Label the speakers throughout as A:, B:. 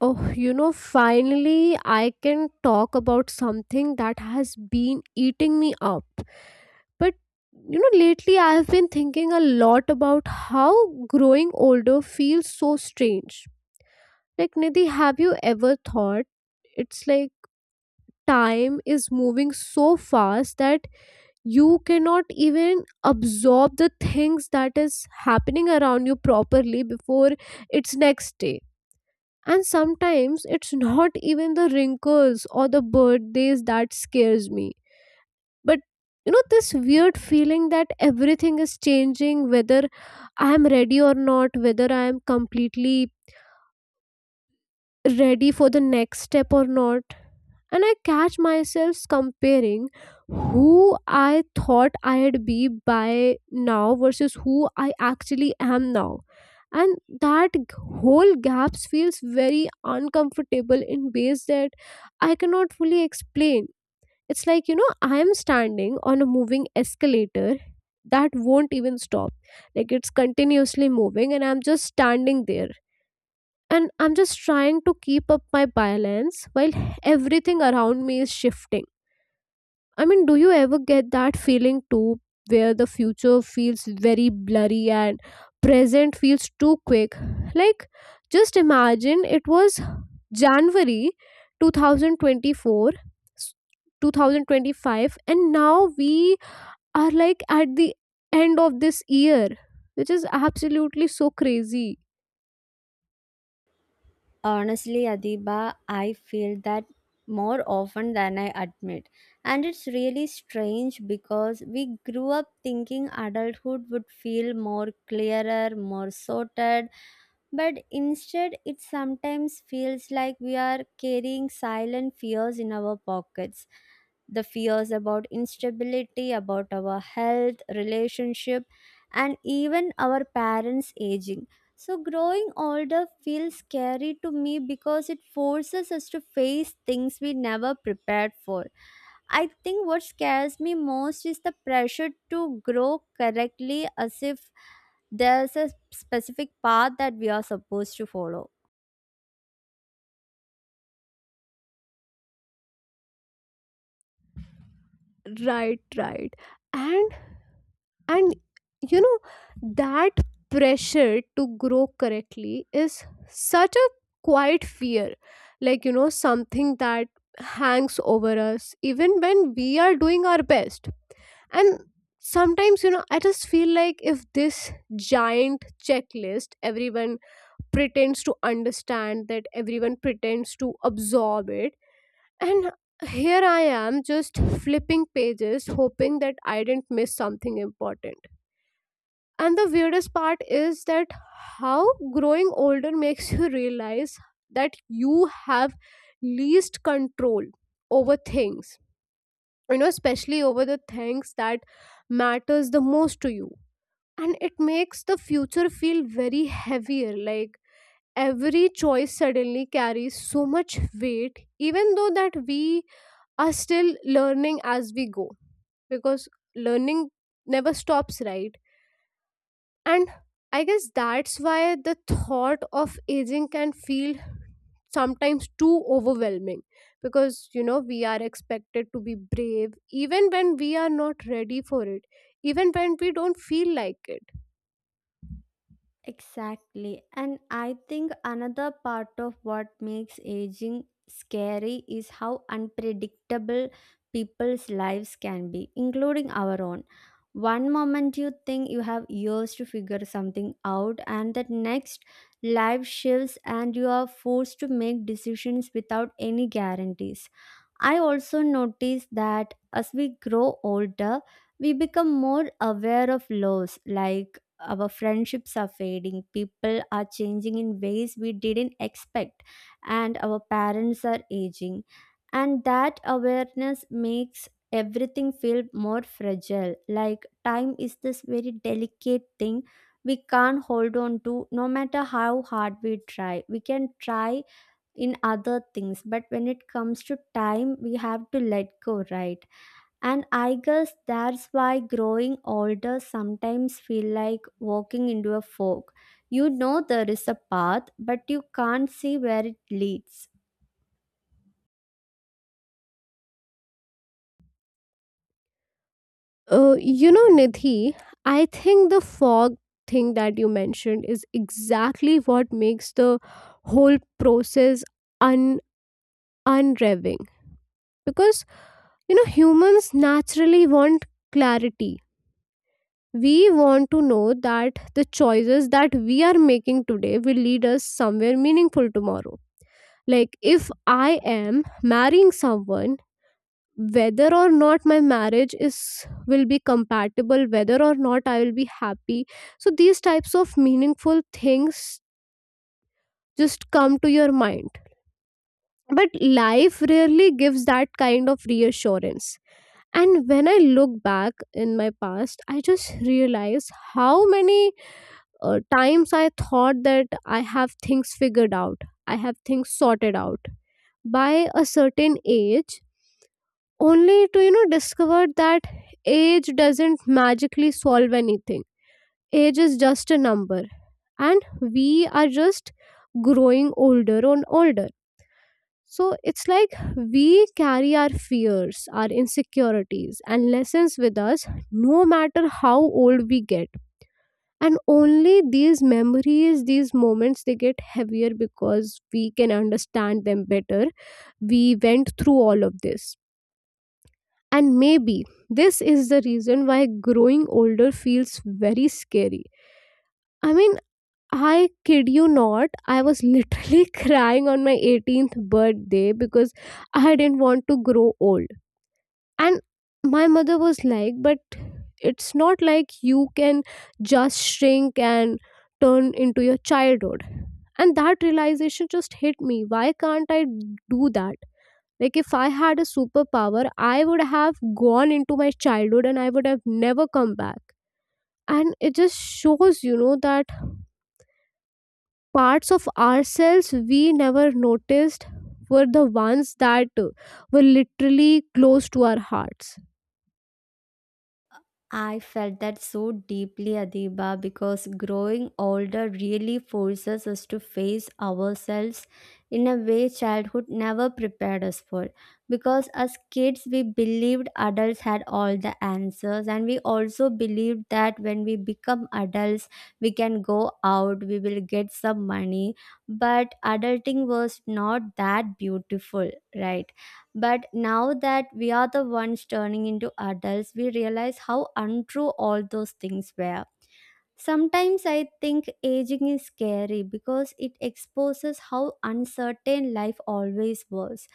A: Oh, you know, finally I can talk about something that has been eating me up. But you know, lately I have been thinking a lot about how growing older feels so strange. Like, Nidhi, have you ever thought it's like time is moving so fast that you cannot even absorb the things that is happening around you properly before it's next day? And sometimes it's not even the wrinkles or the birthdays that scares me, but you know this weird feeling that everything is changing whether I am ready or not, whether I am completely ready for the next step or not. And I catch myself comparing who I thought I'd be by now versus who I actually am now. And that whole gap feels very uncomfortable in ways that I cannot fully explain. It's like, you know, I am standing on a moving escalator that won't even stop. Like it's continuously moving, and I'm just standing there and I'm just trying to keep up my balance while everything around me is shifting. I mean, do you ever get that feeling too, where the future feels very blurry and present feels too quick? Like, just imagine it was january 2024 2025, and now we are like at the end of this year, which is absolutely so crazy.
B: Honestly, Adiba, I feel that more often than I admit. And it's really strange because we grew up thinking adulthood would feel more clearer, more sorted, but instead it sometimes feels like we are carrying silent fears in our pockets. The fears about instability, about our health, relationship, and even our parents' aging. So, growing older feels scary to me because it forces us to face things we never prepared for. I think what scares me most is the pressure to grow correctly, as if there's a specific path that we are supposed to follow.
A: Right, right. And and you know, that pressure to grow correctly is such a quiet fear, like you know something that hangs over us even when we are doing our best. And sometimes you know I just feel like if this giant checklist everyone pretends to understand, that everyone pretends to absorb it, and here I am just flipping pages, hoping that I didn't miss something important. And the weirdest part is that how growing older makes you realize that you have least control over things, you know, especially over the things that matters the most to you. And it makes the future feel very heavier, like every choice suddenly carries so much weight, even though that we are still learning as we go, because learning never stops, right? And I guess that's why the thought of aging can feel sometimes too overwhelming, because you know we are expected to be brave even when we are not ready for it, even when we don't feel like it.
B: Exactly. And I think another part of what makes aging scary is how unpredictable people's lives can be, including our own. One moment you think you have years to figure something out, and the next, life shifts, and you are forced to make decisions without any guarantees. I also noticed that as we grow older, we become more aware of loss, like our friendships are fading, people are changing in ways we didn't expect, and our parents are aging. And that awareness makes everything feel more fragile, like time is this very delicate thing we can't hold on to no matter how hard we try. We can try in other things, but when it comes to time, we have to let go, right? And I guess that's why growing older sometimes feel like walking into a fog. You know there is a path, but you can't see where it leads.
A: You know Nidhi, I think the fog thing that you mentioned is exactly what makes the whole process un unrevving, because you know humans naturally want clarity. We want to know that the choices that we are making today will lead us somewhere meaningful tomorrow. Like, if I am marrying someone, whether or not my marriage is will be compatible, whether or not I will be happy, so these types of meaningful things just come to your mind. But life rarely gives that kind of reassurance. And when I look back in my past, I just realize how many times I thought that I have things figured out, I have things sorted out by a certain age, only to, you know, discover that age doesn't magically solve anything. Age is just a number, and we are just growing older and older. So it's like we carry our fears, our insecurities, and lessons with us no matter how old we get. And only these memories, these moments, they get heavier because we can understand them better. We went through all of this. And maybe this is the reason why growing older feels very scary. I mean, I kid you not, I was literally crying on my 18th birthday because I didn't want to grow old. And my mother was like, but it's not like you can just shrink and turn into your childhood. And that realization just hit me. Why can't I do that? Like, if I had a superpower, I would have gone into my childhood and I would have never come back. And it just shows, you know, that parts of ourselves we never noticed were the ones that were literally close to our hearts.
B: I felt that so deeply, Adiba, because growing older really forces us to face ourselves in a way childhood never prepared us for. Because as kids, we believed adults had all the answers, and we also believed that when we become adults, we can go out, we will get some money. But adulting was not that beautiful, right? But now that we are the ones turning into adults, we realize how untrue all those things were. Sometimes I think aging is scary because it exposes how uncertain life always was.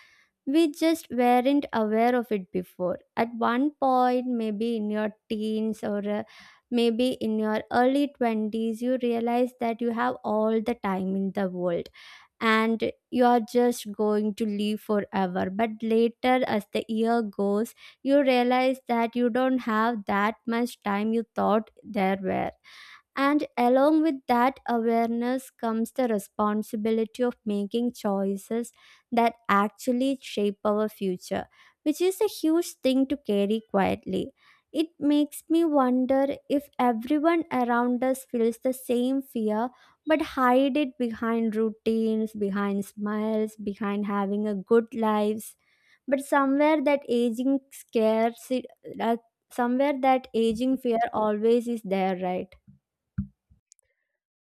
B: We just weren't aware of it before. At one point, maybe in your teens, or maybe in your early 20s, you realize that you have all the time in the world and you are just going to live forever. But later, as the year goes, you realize that you don't have that much time you thought there were. And along with that awareness comes the responsibility of making choices that actually shape our future, which is a huge thing to carry quietly. It makes me wonder if everyone around us feels the same fear but hide it behind routines, behind smiles, behind having a good lives. But somewhere that aging scares it, that somewhere that aging fear always is there, right?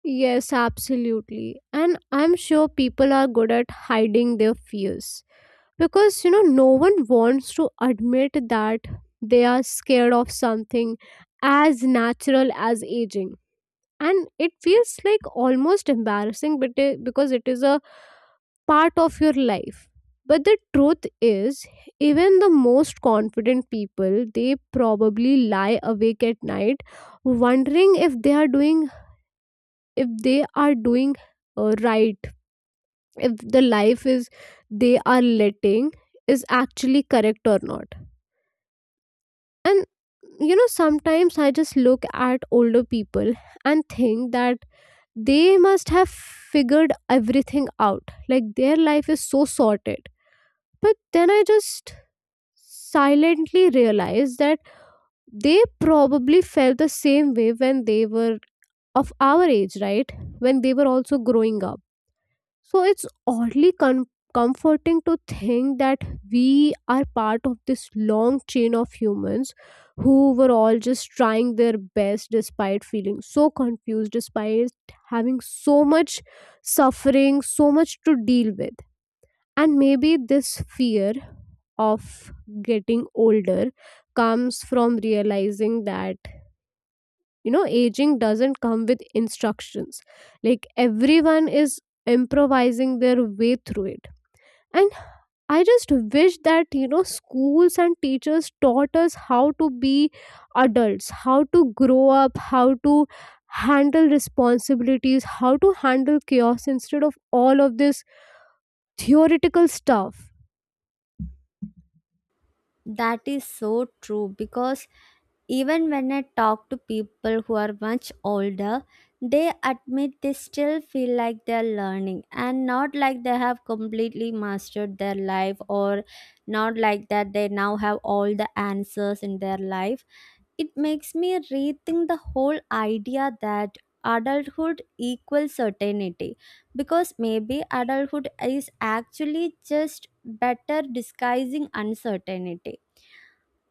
A: Yes, absolutely. And I'm sure people are good at hiding their fears because, you know, no one wants to admit that they are scared of something as natural as aging. And it feels like almost embarrassing because it is a part of your life. But the truth is, even the most confident people, they probably lie awake at night wondering if they are doing if they are doing right, if the life is they are letting is actually correct or not. And you know sometimes I just look at older people and think that they must have figured everything out, like their life is so sorted. But then I just silently realize that they probably felt the same way when they were of our age, right, when they were also growing up. So it's oddly comforting to think that we are part of this long chain of humans who were all just trying their best despite feeling so confused, despite having so much suffering, so much to deal with. And maybe this fear of getting older comes from realizing that, you know, aging doesn't come with instructions. Like everyone is improvising their way through it. And I just wish that you know schools and teachers taught us how to be adults, how to grow up, how to handle responsibilities, how to handle chaos, instead of all of this theoretical stuff.
B: That is so true, because even when I talk to people who are much older, they admit they still feel like they're learning, and not like they have completely mastered their life, or not like that they now have all the answers in their life. It makes me rethink the whole idea that adulthood equals certainty, because maybe adulthood is actually just better disguising uncertainty.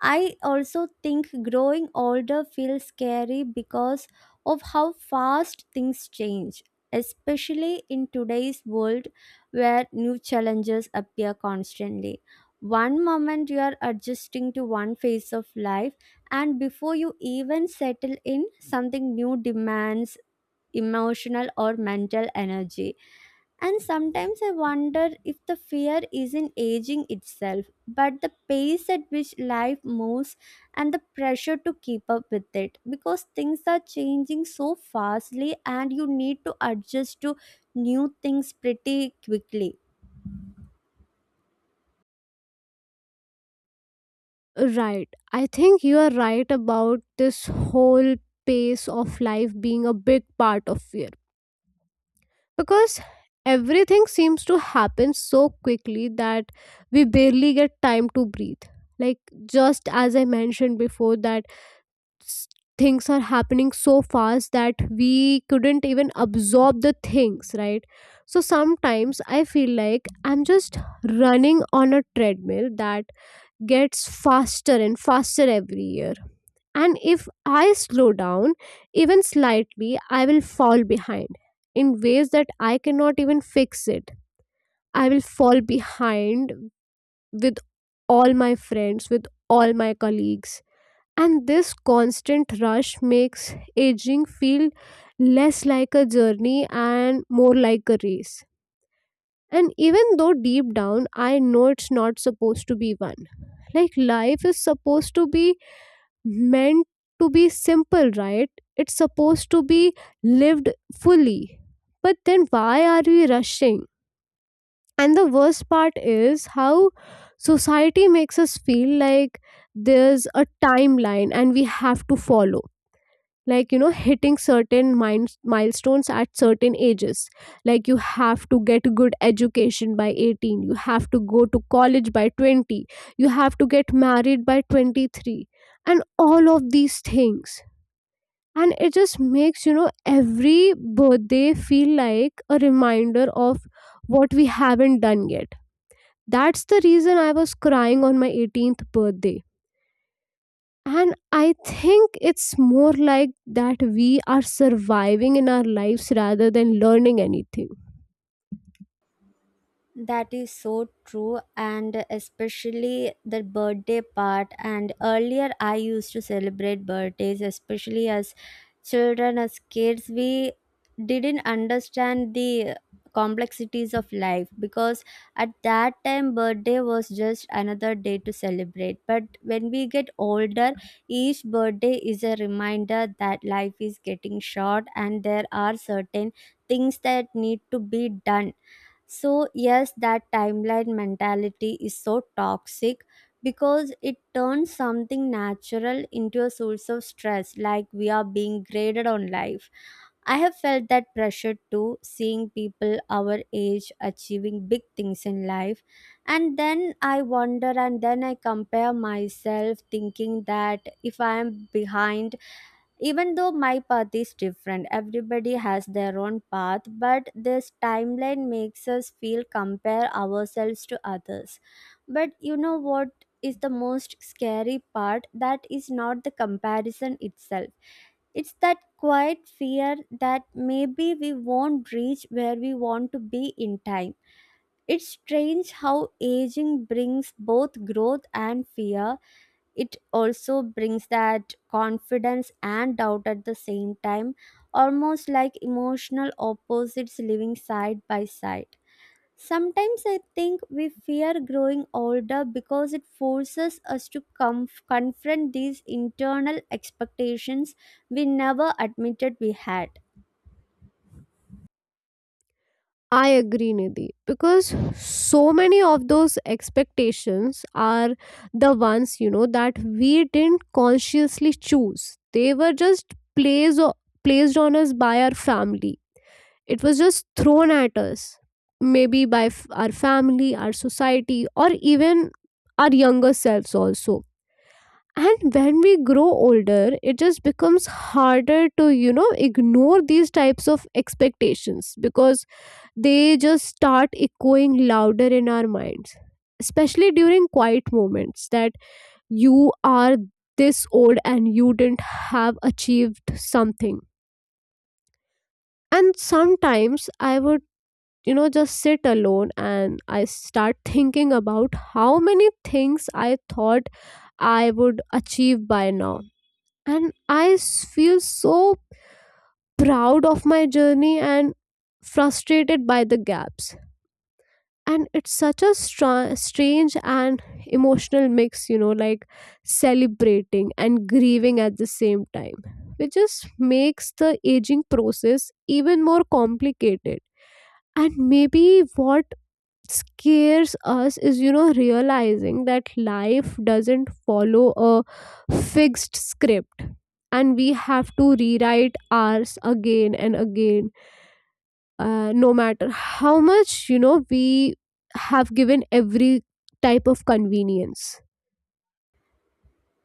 B: I also think growing older feels scary because of how fast things change, especially in today's world where new challenges appear constantly. One moment you are adjusting to one phase of life, and before you even settle in, something new demands emotional or mental energy. And sometimes I wonder if the fear isn't aging itself, but the pace at which life moves and the pressure to keep up with it. Because things are changing so fastly and you need to adjust to new things pretty quickly.
A: Right, I think you are right about this whole pace of life being a big part of fear, because everything seems to happen so quickly that we barely get time to breathe. Like, just as I mentioned before that s- things are happening so fast that we couldn't even absorb the things, right? So sometimes I feel like I'm just running on a treadmill that gets faster and faster every year. And if I slow down, even slightly, I will fall behind in ways that I cannot even fix it. I will fall behind with all my friends, with all my colleagues. And this constant rush makes aging feel less like a journey and more like a race. And even though deep down I know it's not supposed to be one, like life is supposed to be meant to be simple, right? It's supposed to be lived fully. But then why are we rushing? And the worst part is how society makes us feel like there's a timeline and we have to follow. Like, you know, hitting certain milestones at certain ages. Like, you have to get good education by 18, you have to go to college by 20, you have to get married by 23, and all of these things. And it just makes you know every birthday feel like a reminder of what we haven't done yet. That's the reason I was crying on my 18th birthday. And I think it's more like that we are surviving in our lives rather than learning anything.
B: That is so true, and especially the birthday part. And earlier, I used to celebrate birthdays, especially as children, as kids. We didn't understand the complexities of life because at that time, birthday was just another day to celebrate. But when we get older, each birthday is a reminder that life is getting short and there are certain things that need to be done. So, yes, that timeline mentality is so toxic, because it turns something natural into a source of stress, like we are being graded on life. I have felt that pressure too, seeing people our age achieving big things in life. And then I wonder, and then I compare myself, thinking that if I am behind, even though my path is different, everybody has their own path, but this timeline makes us feel compare ourselves to others. But you know what is the most scary part? That is not the comparison itself. It's that quiet fear that maybe we won't reach where we want to be in time. It's strange how aging brings both growth and fear. It also brings that confidence and doubt at the same time, almost like emotional opposites living side by side. Sometimes I think we fear growing older because it forces us to confront these internal expectations we never admitted we had.
A: I agree, Nidhi, because so many of those expectations are the ones, you know, that we didn't consciously choose. They were just placed on us by our family. It was just thrown at us, maybe by our family, our society, or even our younger selves also. And when we grow older, it just becomes harder to, you know, ignore these types of expectations because they just start echoing louder in our minds, especially during quiet moments that you are this old and you didn't have achieved something. And sometimes I would, you know, just sit alone and I start thinking about how many things I thought I would achieve by now. And I feel so proud of my journey and frustrated by the gaps. And it's such a strange and emotional mix, you know, like celebrating and grieving at the same time, which just makes the aging process even more complicated. And maybe what scares us is you know realizing that life doesn't follow a fixed script, and we have to rewrite ours again and again, no matter how much you know we have given every type of convenience.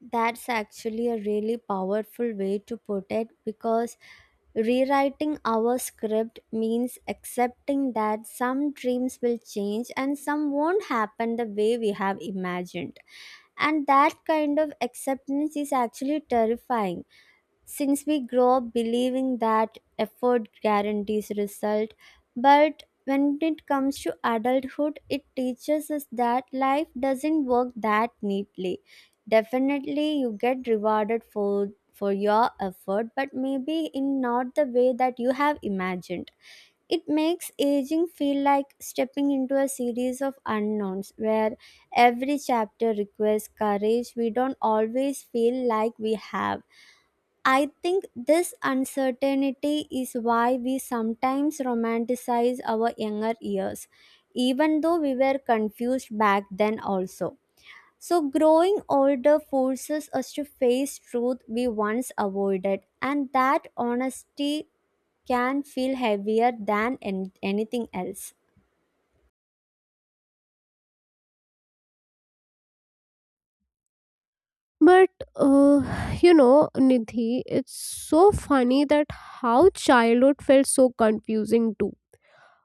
B: That's actually a really powerful way to put it, because rewriting our script means accepting that some dreams will change and some won't happen the way we have imagined. And that kind of acceptance is actually terrifying, since we grow up believing that effort guarantees result. But when it comes to adulthood, it teaches us that life doesn't work that neatly. Definitely you get rewarded for your effort, but maybe in not the way that you have imagined. It makes aging feel like stepping into a series of unknowns where every chapter requires courage we don't always feel like we have. I think this uncertainty is why we sometimes romanticize our younger years, even though we were confused back then also. So, growing older forces us to face truth we once avoided, and that honesty can feel heavier than anything else.
A: But uh, you know Nidhi, it's so funny that how childhood felt so confusing too,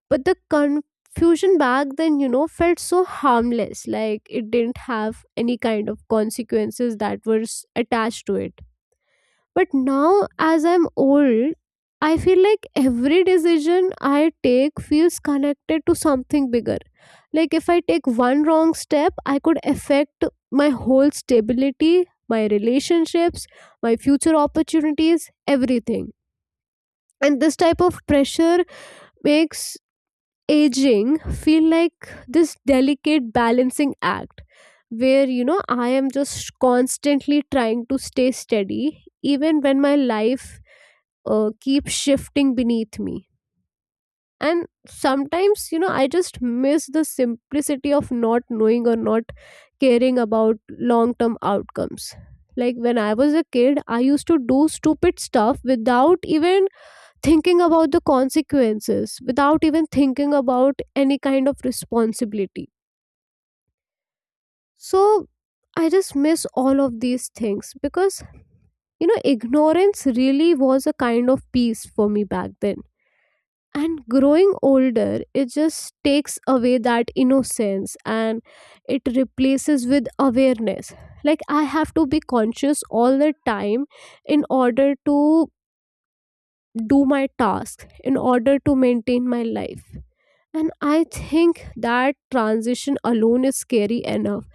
A: but the confusion back then you know felt so harmless, like it didn't have any kind of consequences that were attached to it. But now, as I'm old, I feel like every decision I take feels connected to something bigger. Like, if I take one wrong step, I could affect my whole stability, my relationships, my future opportunities, everything. And this type of pressure makes aging feel like this delicate balancing act where I am just constantly trying to stay steady even when my life keeps shifting beneath me. And sometimes, I just miss the simplicity of not knowing or not caring about long term outcomes. Like when I was a kid, I used to do stupid stuff without even thinking about the consequences, without even thinking about any kind of responsibility. So I just miss all of these things, because ignorance really was a kind of peace for me back then. And growing older, it just takes away that innocence and it replaces with awareness. Like I have to be conscious all the time in order to do my task, in order to maintain my life. And I think that transition alone is scary enough.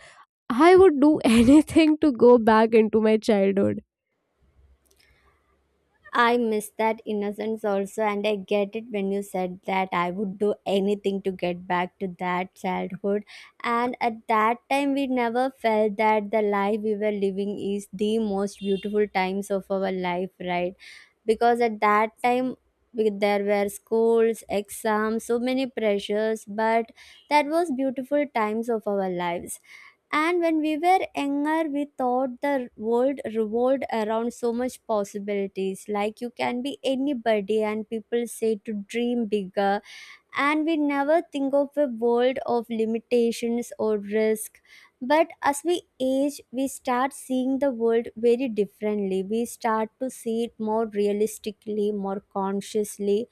A: I would do anything to go back into my childhood.
B: I miss that innocence also, and I get it when you said that I would do anything to get back to that childhood. And at that time, we never felt that the life we were living is the most beautiful times of our life, right? Because at that time, there were schools, exams, so many pressures, but that was beautiful times of our lives. And when we were younger, we thought the world revolved around so much possibilities. Like you can be anybody, and people say to dream bigger. And we never think of a world of limitations or risk. But as we age, we start seeing the world very differently. We start to see it more realistically, more consciously,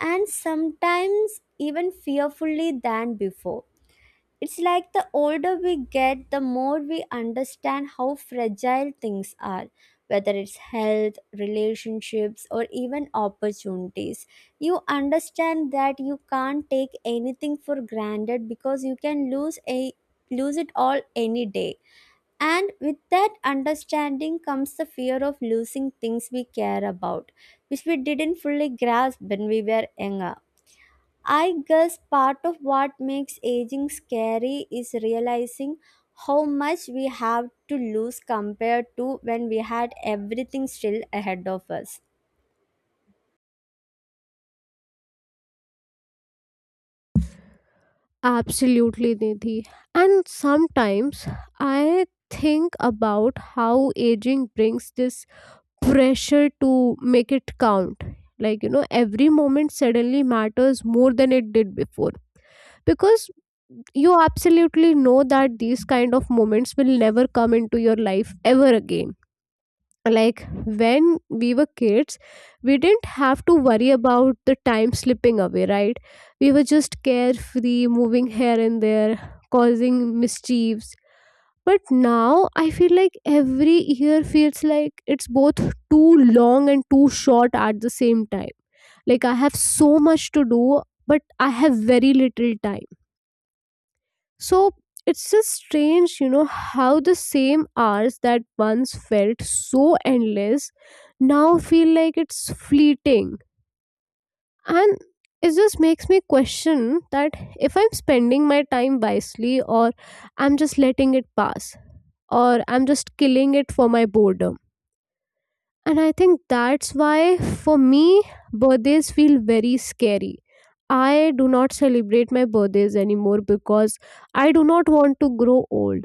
B: and sometimes even fearfully than before. It's like the older we get, the more we understand how fragile things are, whether it's health, relationships, or even opportunities. You understand that you can't take anything for granted, because you can lose it all any day. And with that understanding comes the fear of losing things we care about, which we didn't fully grasp when we were younger. I guess part of what makes aging scary is realizing how much we have to lose compared to when we had everything still ahead of us.
A: Absolutely, Nidhi. And sometimes I think about how aging brings this pressure to make it count. Like, every moment suddenly matters more than it did before. Because you absolutely know that these kind of moments will never come into your life ever again. Like when we were kids, we didn't have to worry about the time slipping away, right? We were just carefree, moving here and there, causing mischiefs. But now I feel like every year feels like it's both too long and too short at the same time. Like I have so much to do, but I have very little time. So it's just strange, how the same hours that once felt so endless now feel like it's fleeting. And it just makes me question that if I'm spending my time wisely, or I'm just letting it pass, or I'm just killing it for my boredom. And I think that's why for me, birthdays feel very scary. I do not celebrate my birthdays anymore because I do not want to grow old.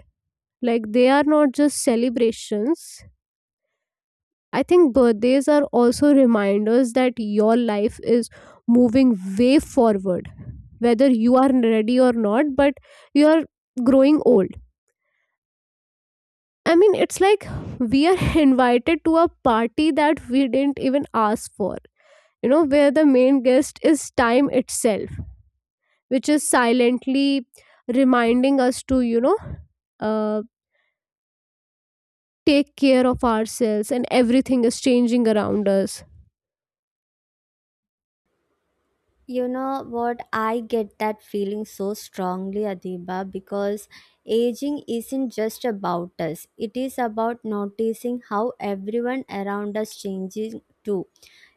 A: Like, they are not just celebrations. I think birthdays are also reminders that your life is moving way forward, whether you are ready or not, but you are growing old. I mean, it's like we are invited to a party that we didn't even ask for, where the main guest is time itself, which is silently reminding us to, uh, take care of ourselves, and everything is changing around us.
B: You know what? I get that feeling so strongly, Adiba, because aging isn't just about us, it is about noticing how everyone around us changes too,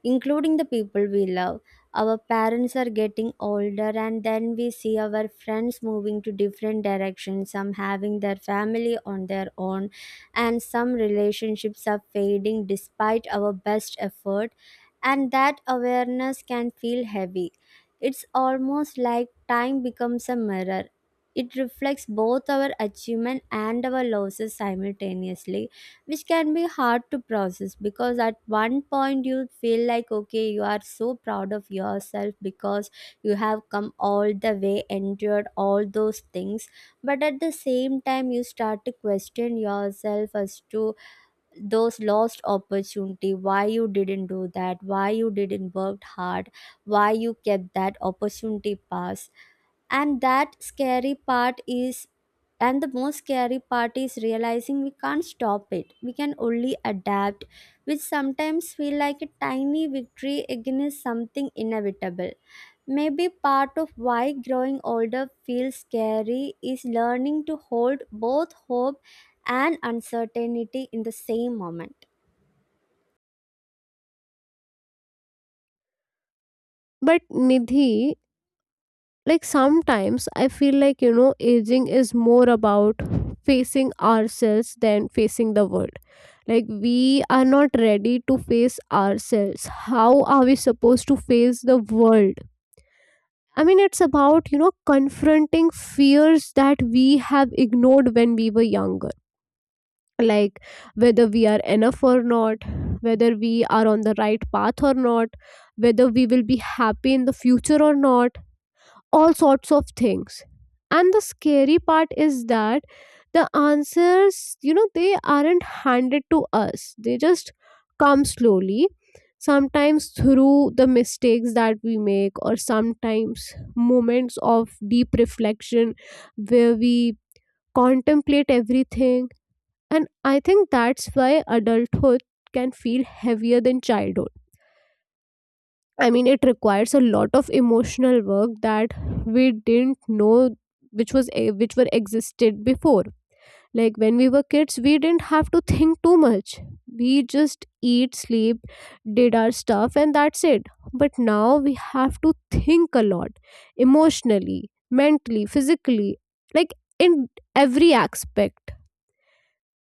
B: including the people we love. Our parents are getting older, and then we see our friends moving to different directions, some having their family on their own, and some relationships are fading despite our best effort. And that awareness can feel heavy. It's almost like time becomes a mirror. It reflects both our achievement and our losses simultaneously, which can be hard to process. Because at one point you feel like, okay, you are so proud of yourself because you have come all the way, endured all those things, but at the same time you start to question yourself as to those lost opportunity, why you didn't do that, why you didn't work hard, why you kept that opportunity pass. And that scary part is, and the most scary part is realizing we can't stop it, we can only adapt, which sometimes feel like a tiny victory against something inevitable. Maybe part of why growing older feels scary is learning to hold both hope and uncertainty in the same moment.
A: But Nidhi, like sometimes I feel like, aging is more about facing ourselves than facing the world. Like, we are not ready to face ourselves. How are we supposed to face the world? I mean, it's about, confronting fears that we have ignored when we were younger. Like, whether we are enough or not, whether we are on the right path or not, whether we will be happy in the future or not, all sorts of things. And the scary part is that the answers, they aren't handed to us. They just come slowly, sometimes through the mistakes that we make, or sometimes moments of deep reflection where we contemplate everything. And I think that's why adulthood can feel heavier than childhood. I mean, it requires a lot of emotional work that we didn't know which were existed before. Like when we were kids, we didn't have to think too much. We just eat, sleep, did our stuff, and that's it. But now we have to think a lot, emotionally, mentally, physically, like in every aspect.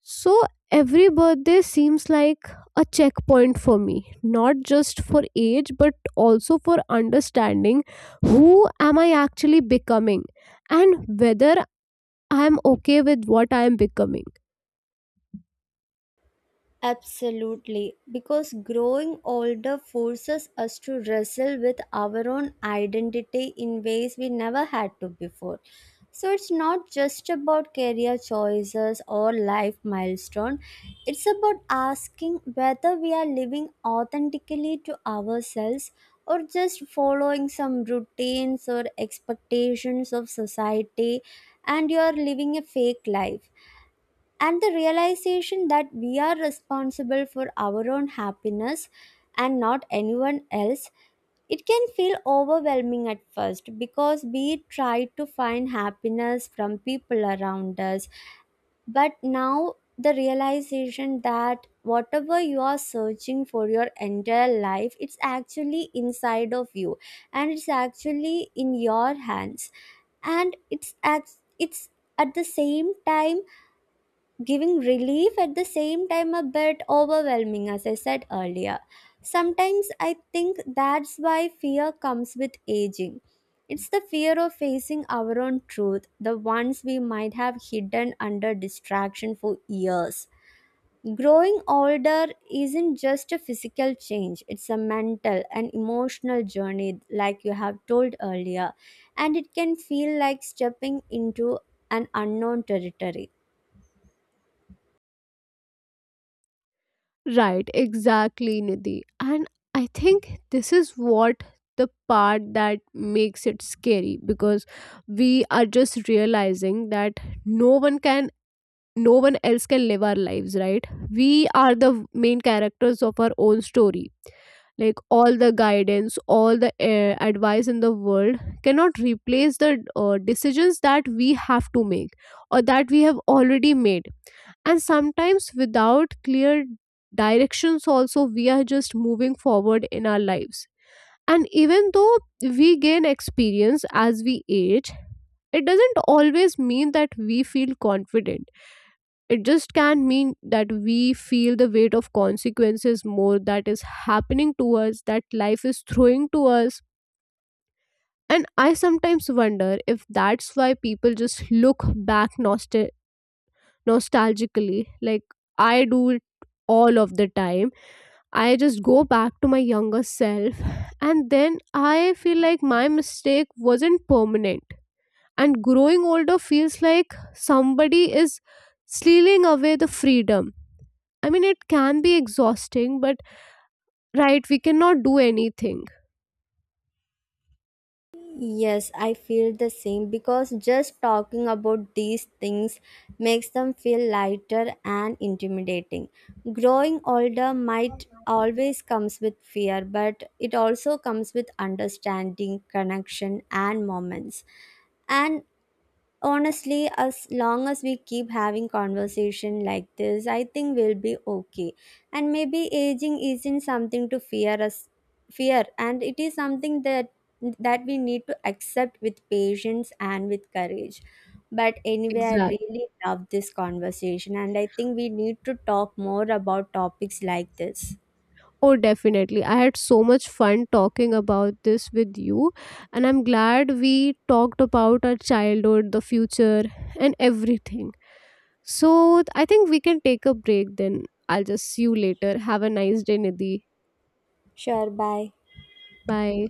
A: So every birthday seems like a checkpoint for me, not just for age, but also for understanding who am I actually becoming, and whether I'm okay with what I am becoming.
B: Absolutely, because growing older forces us to wrestle with our own identity in ways we never had to before. So it's not just about career choices or life milestone. It's about asking whether we are living authentically to ourselves or just following some routines or expectations of society, and you are living a fake life. And the realization that we are responsible for our own happiness and not anyone else, it can feel overwhelming at first, because we try to find happiness from people around us. But now the realization that whatever you are searching for your entire life, it's actually inside of you, and it's actually in your hands, and it's it's, at the same time, giving relief, at the same time a bit overwhelming, as I said earlier. Sometimes I think that's why fear comes with aging. It's the fear of facing our own truth, the ones we might have hidden under distraction for years. Growing older isn't just a physical change, it's a mental and emotional journey, like you have told earlier. And it can feel like stepping into an unknown territory.
A: Right, exactly, Nidhi. And I think this is what the part that makes it scary, because we are just realizing that no one can no one else can live our lives. Right, we are the main characters of our own story. Like, all the guidance, all the advice in the world cannot replace the decisions that we have to make, or that we have already made. And sometimes without clear directions also, we are just moving forward in our lives. And even though we gain experience as we age, it doesn't always mean that we feel confident. It just can mean that we feel the weight of consequences more, that is happening to us, that life is throwing to us. And I sometimes wonder if that's why people just look back nostalgically. Like, I do it all of the time. I just go back to my younger self, and then I feel like my mistake wasn't permanent. And growing older feels like somebody is stealing away the freedom. I mean, it can be exhausting, but right, we cannot do anything.
B: Yes, I feel the same, because just talking about these things makes them feel lighter and intimidating. Growing older might always comes with fear, but it also comes with understanding, connection and moments. And honestly, as long as we keep having conversation like this, I think we'll be okay. And maybe aging isn't something to fear us fear, and it is something that we need to accept with patience and with courage. But anyway, I
A: Exactly.
B: really love this conversation, and I think we need to talk more about topics like this.
A: Oh, definitely. I had so much fun talking about this with you, and I'm glad we talked about our childhood, the future, and everything. So, I think we can take a break then. I'll just see you later. Have a nice day, Nidhi.
B: Sure, bye.
A: Bye.